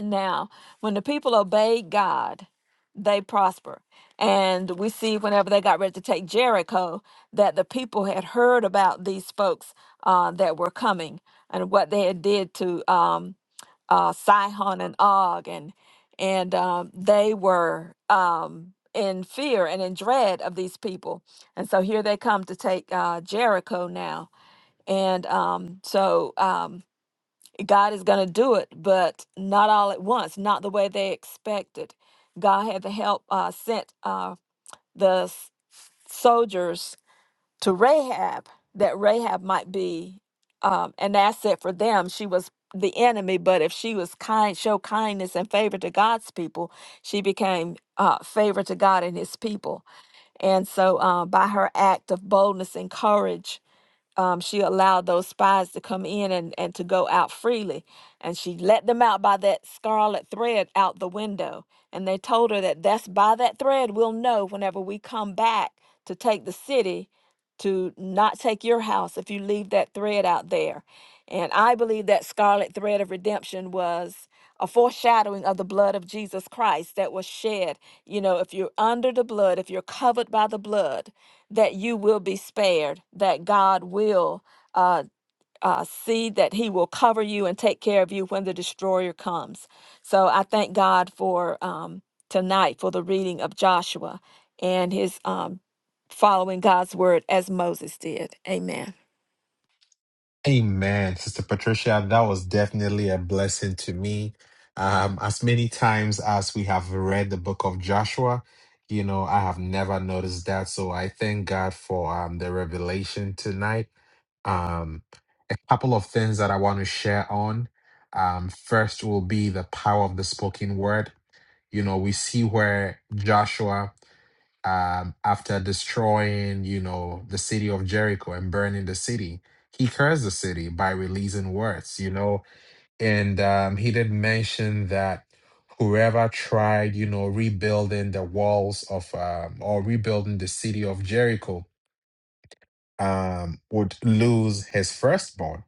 Speaker 2: Now, when the people obeyed God, they prosper. And we see whenever they got ready to take Jericho that the people had heard about these folks uh, that were coming and what they had did to um, uh, Sihon and Og, and and um, they were um, in fear and in dread of these people. And so here they come to take uh, Jericho now. And um, so. Um, God is going to do it, but not all at once, not the way they expected. God had to help uh, sent uh, the s- soldiers to Rahab, that Rahab might be um, an asset for them. She was the enemy, but if she was kind, show kindness and favor to God's people, she became uh, favor to God and His people. And so, uh, by her act of boldness and courage, um, she allowed those spies to come in and, and to go out freely. And she let them out by that scarlet thread out the window. And they told her that that's by that thread we'll know whenever we come back to take the city to not take your house if you leave that thread out there. And I believe that scarlet thread of redemption was a foreshadowing of the blood of Jesus Christ that was shed. You know, if you're under the blood, if you're covered by the blood, that you will be spared, that God will uh, uh, see that He will cover you and take care of you when the destroyer comes. So I thank God for um, tonight for the reading of Joshua and his um, following God's word as Moses did. Amen.
Speaker 1: Amen, Sister Patricia. That was definitely a blessing to me. Um, as many times as we have read the book of Joshua, you know, I have never noticed that. So I thank God for um, the revelation tonight. Um, a couple of things that I want to share on. Um, first will be the power of the spoken word. You know, we see where Joshua um, after destroying, you know, the city of Jericho and burning the city, he cursed the city by releasing words, you know, and um, he did mention that whoever tried, you know, rebuilding the walls of um, or rebuilding the city of Jericho um, would lose his firstborn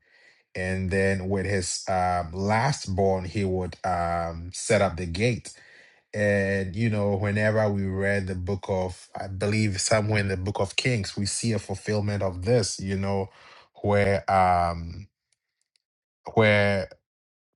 Speaker 1: and then with his um, last born, he would um, set up the gate. And you know, whenever we read the book of, I believe somewhere in the book of Kings, we see a fulfillment of this. You know, where um, where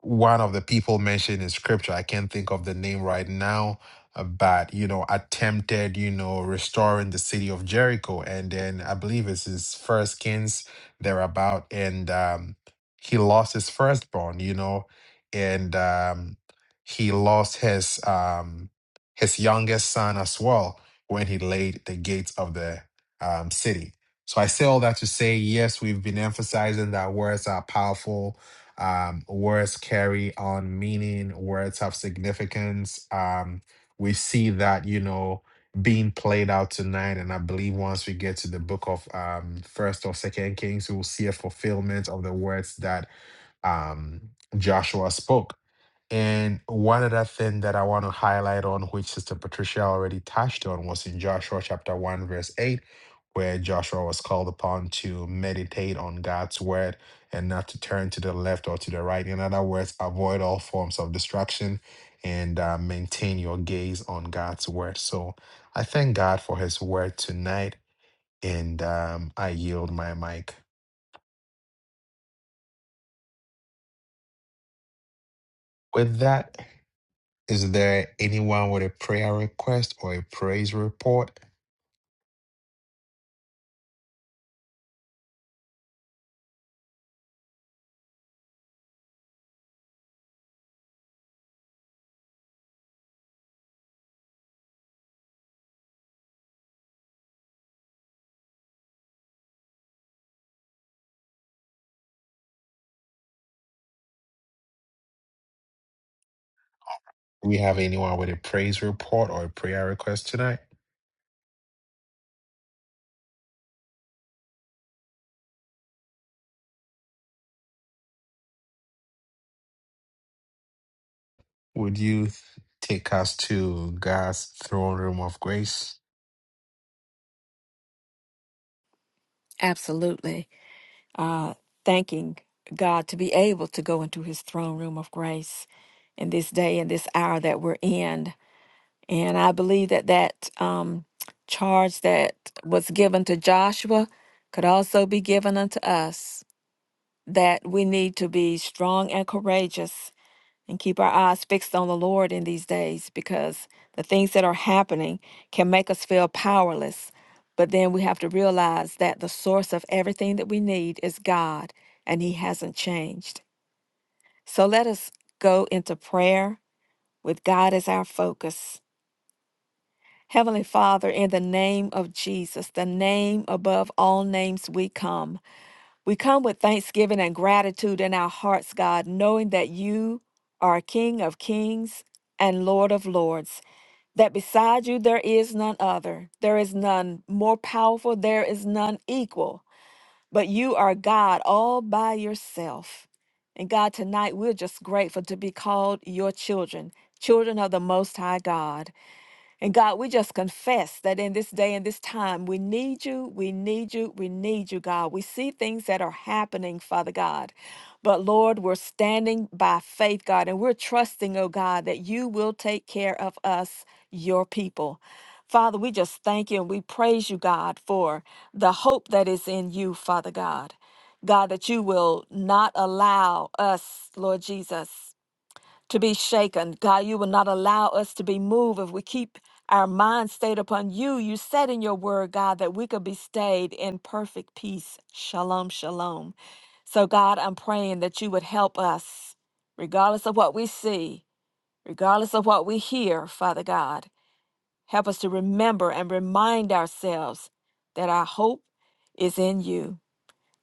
Speaker 1: one of the people mentioned in scripture i can't think of the name right now uh, but you know attempted you know restoring the city of jericho and then i believe it's his first kings thereabout and um he lost his firstborn you know and um he lost his um his youngest son as well when he laid the gates of the um city so i say all that to say yes we've been emphasizing that words are powerful um, words carry on meaning, words have significance. Um, we see that, you know, being played out tonight. And I believe once we get to the book of um, First or Second Kings, we will see a fulfillment of the words that um, Joshua spoke. And one other thing that I want to highlight on, which Sister Patricia already touched on, was in Joshua chapter 1, verse 8, where Joshua was called upon to meditate on God's word and not to turn to the left or to the right. In other words, avoid all forms of distraction and uh, maintain your gaze on God's word. So I thank God for his word tonight, and um, I yield my mic. With that, is there anyone with a prayer request or a praise report? Do we have anyone with a praise report or a prayer request tonight? Would you th- take us to God's throne room of grace?
Speaker 2: Absolutely. Uh, thanking God to be able to go into His throne room of grace in this day and this hour that we're in And I believe that that um, charge that was given to Joshua could also be given unto us that we need to be strong and courageous and keep our eyes fixed on the Lord in these days because the things that are happening can make us feel powerless. But then we have to realize that the source of everything that we need is God and He hasn't changed. So let us go into prayer with God as our focus. Heavenly Father, in the name of Jesus, the name above all names, we come. We come with thanksgiving and gratitude in our hearts, God, knowing that you are King of kings and Lord of lords, that beside you there is none other. There is none more powerful, there is none equal, but you are God all by yourself. And God, tonight we're just grateful to be called your children, children of the Most High God. And God, we just confess that in this day and this time, we need you, we need you, we need you, God. We see things that are happening, Father God. But Lord, we're standing by faith, God, and we're trusting, oh God, that you will take care of us, your people. Father, we just thank you and we praise you, God, for the hope that is in you, Father God. God, that you will not allow us, Lord Jesus to be shaken. God, you will not allow us to be moved if we keep our mind stayed upon you. You said in your word, God, that we could be stayed in perfect peace. Shalom, shalom. So, God, I'm praying that you would help us, regardless of what we see, regardless of what we hear, Father God. Help us to remember and remind ourselves that our hope is in you.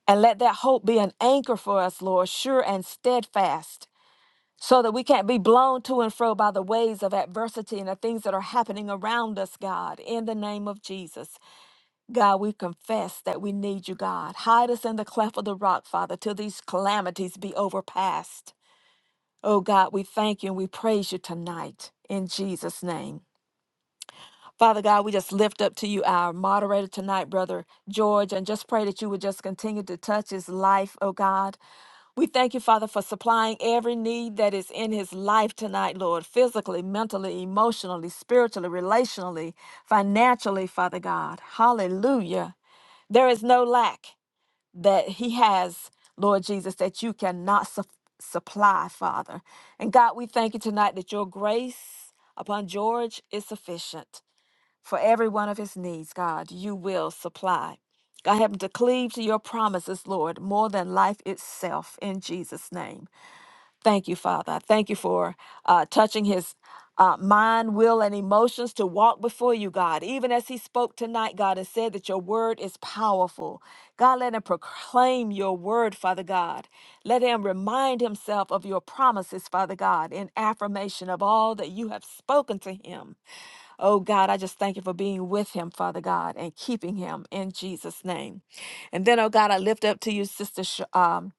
Speaker 2: And let that hope be an anchor for us, Lord, sure and steadfast so that we can't be blown to and fro by the waves of adversity and the things that are happening around us, God, in the name of Jesus. God, we confess that we need you, God. Hide us in the cleft of the rock, Father, till these calamities be overpassed. Oh, God, we thank you and we praise you tonight in Jesus' name. Father God, we just lift up to you our moderator tonight, Brother George, and just pray that you would just continue to touch his life, oh God. We thank you, Father, for supplying every need that is in his life tonight, Lord, physically, mentally, emotionally, spiritually, relationally, financially, Father God. Hallelujah. There is no lack that he has, Lord Jesus, that you cannot su- supply, Father. And God, we thank you tonight that your grace upon George is sufficient for every one of his needs, God, you will supply. God, help him to cleave to your promises, Lord, more than life itself, in Jesus' name. Thank you, Father. I thank you for uh, touching his uh, mind, will, and emotions to walk before you, God, even as he spoke tonight, God, and said that your word is powerful. God, let him proclaim your word, Father God. Let him remind himself of your promises, Father God, in affirmation of all that you have spoken to him. Oh God, I just thank you for being with him, Father God, and keeping him in Jesus' name. And then, oh God, I lift up to you, Sister Sh- um,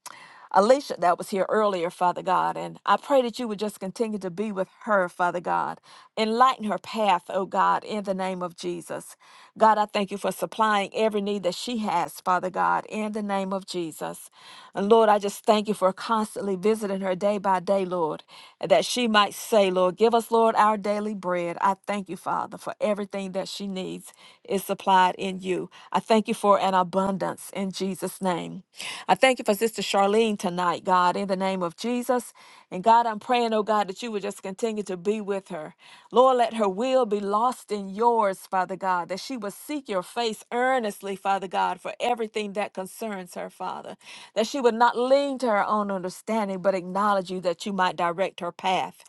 Speaker 2: Alicia that was here earlier, Father God, and I pray that you would just continue to be with her, Father God. Enlighten her path, oh God, in the name of Jesus. God, I thank you for supplying every need that she has, Father God, in the name of Jesus. And Lord, I just thank you for constantly visiting her day by day, Lord, that she might say, Lord, give us, Lord, our daily bread. I thank you, Father, for everything that she needs is supplied in you. I thank you for an abundance. In Jesus' name. I thank you for Sister Charlene tonight, God, in the name of Jesus. And God, I'm praying, oh God, that you would just continue to be with her. Lord, let her will be lost in yours, Father God, that she would seek your face earnestly, Father God, for everything that concerns her, Father. That she would not lean to her own understanding, but acknowledge you that you might direct her path.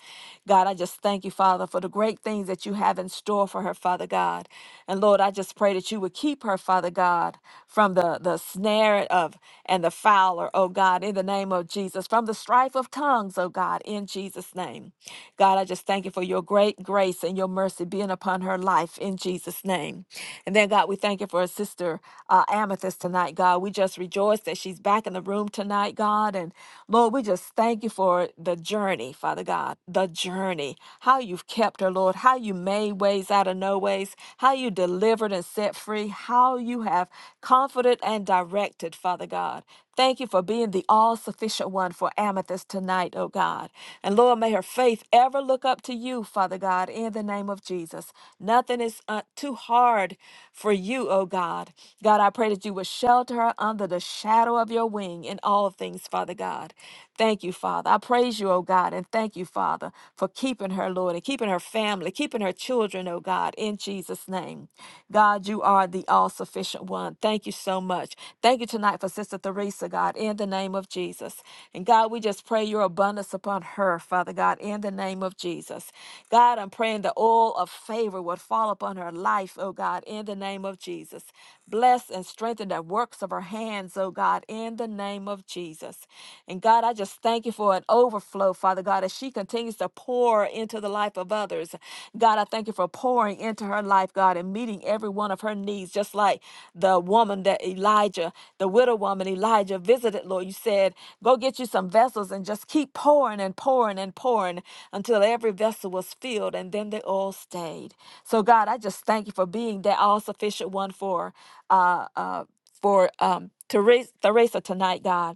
Speaker 2: God, I just thank you, Father, for the great things that you have in store for her, Father God. And Lord, I just pray that you would you would keep her, Father God, from the, the snare of and the fowler, oh God, in the name of Jesus, from the strife of tongues, oh God, in Jesus' name. God, I just thank you for your great grace and your mercy being upon her life in Jesus' name. And then, God, we thank you for her sister uh, Amethyst tonight, God. We just rejoice that she's back in the room tonight, God. And Lord, we just thank you for the journey, Father God, the journey, how you've kept her, Lord, how you made ways out us out of no ways, how you delivered and set free, how you have comforted and directed, Father God. Thank you for being the all sufficient one for Amethyst tonight, oh God. And Lord, may her faith ever look up to you, Father God, in the name of Jesus. Nothing is uh, too hard for you, oh God. God, I pray that you would shelter her under the shadow of your wing in all things, Father God. Thank you, Father. I praise you, oh God, and thank you, Father, for keeping her, Lord, and keeping her family, keeping her children, oh God, in Jesus' name. God, you are the all sufficient one. Thank you so much. Thank you tonight for Sister Theresa, God, in the name of Jesus. And God, we just pray your abundance upon her, Father God, in the name of Jesus. God, I'm praying the oil of favor would fall upon her life, oh God, in the name of Jesus. Bless and strengthen the works of her hands, oh God, in the name of Jesus. And God, I just thank you for an overflow, Father God, as she continues to pour into the life of others. God, I thank you for pouring into her life, God, and meeting every one of her needs, just like the woman that Elijah, the widow woman Elijah visited, Lord. You said, go get you some vessels and just keep pouring and pouring and pouring until every vessel was filled, and then they all stayed. So, God, I just thank you for being that all sufficient one for. Uh, uh, for um, Teresa, Teresa tonight, God.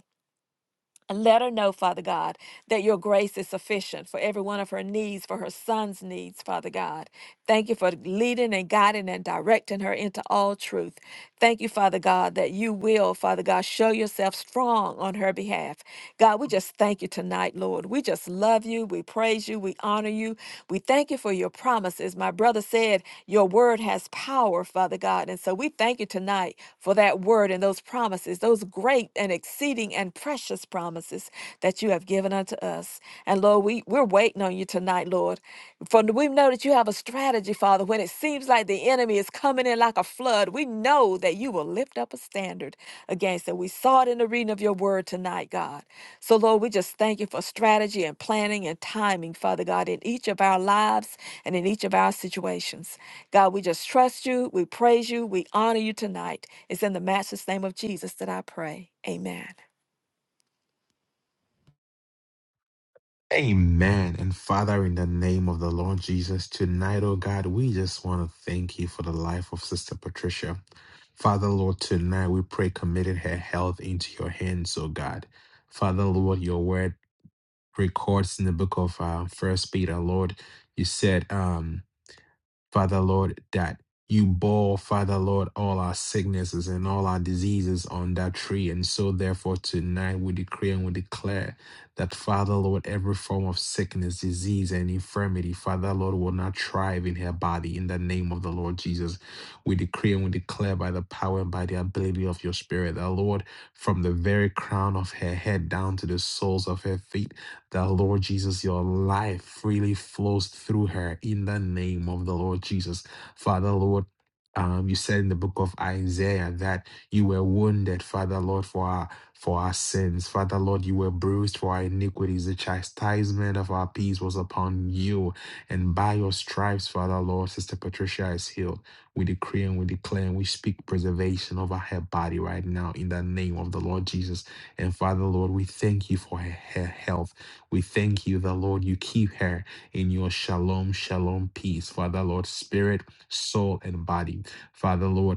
Speaker 2: And let her know, Father God, that your grace is sufficient for every one of her needs, for her son's needs, Father God. Thank you for leading and guiding and directing her into all truth. Thank you, Father God, that you will, Father God, show yourself strong on her behalf. God, we just thank you tonight, Lord. We just love you. We praise you. We honor you. We thank you for your promises. My brother said, Your word has power, Father God. And so we thank you tonight for that word and those promises, those great and exceeding and precious precious promises that you have given unto us. And Lord, we, we're waiting on you tonight, Lord. For we know that you have a strategy, Father. When it seems like the enemy is coming in like a flood, we know that you will lift up a standard against it. We saw it in the reading of your word tonight, God. So, Lord, we just thank you for strategy and planning and timing, Father God, in each of our lives and in each of our situations. God, we just trust you, we praise you, we honor you tonight. It's in the matchless name of Jesus that I pray. Amen.
Speaker 1: Amen. And Father, in the name of the Lord Jesus, tonight, oh God, we just want to thank you for the life of Sister Patricia. Father, Lord, tonight we pray committed her health into your hands, oh God. Father, Lord, your word records in the book of uh, First Peter, Lord, you said, um, Father Lord, that you bore, Father Lord, all our sicknesses and all our diseases on that tree. And so, therefore, tonight we decree and we declare that, Father Lord, every form of sickness, disease, and infirmity, Father Lord, will not thrive in her body in the name of the Lord Jesus. We decree and we declare by the power and by the ability of your Spirit, that, Lord, from the very crown of her head down to the soles of her feet, that Lord Jesus, your life freely flows through her in the name of the Lord Jesus. Father, Lord, um, you said in the book of Isaiah that you were wounded, Father Lord, for our for our sins. Father Lord, you were bruised for our iniquities. The chastisement of our peace was upon you. And by your stripes, Father Lord, Sister Patricia is healed. We decree and we declare and we speak preservation over her body right now in the name of the Lord Jesus. And Father Lord, we thank you for her her health. We thank you that, Lord, you keep her in your shalom, shalom peace. Father, Lord, spirit, soul, and body. Father, Lord,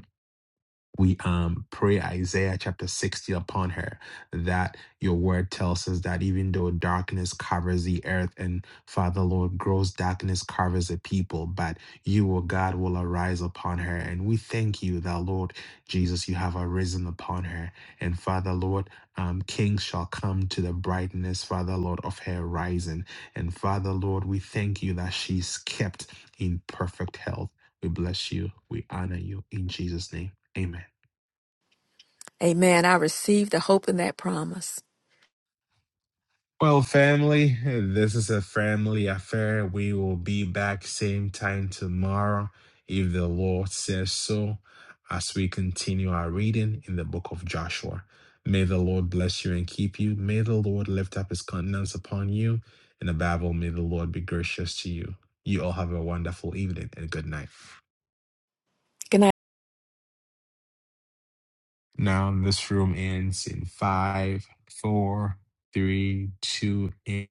Speaker 1: we um pray Isaiah chapter 60 upon her that your word tells us that even though darkness covers the earth and Father Lord gross darkness covers the people but you O God will arise upon her and we thank you that Lord Jesus you have arisen upon her and Father Lord um kings shall come to the brightness Father Lord of her rising and Father Lord we thank you that she's kept in perfect health we bless you we honor you in Jesus name Amen.
Speaker 2: Amen. I receive the hope in that promise.
Speaker 1: Well, family, this is a family affair. We will be back same time tomorrow, if the Lord says so, as we continue our reading in the book of Joshua. May the Lord bless you and keep you. May the Lord lift up his countenance upon you. and above all, may the Lord be gracious to you. You all have a wonderful evening and good night.
Speaker 2: Good night.
Speaker 1: Now, this room ends in five, four, three, two, and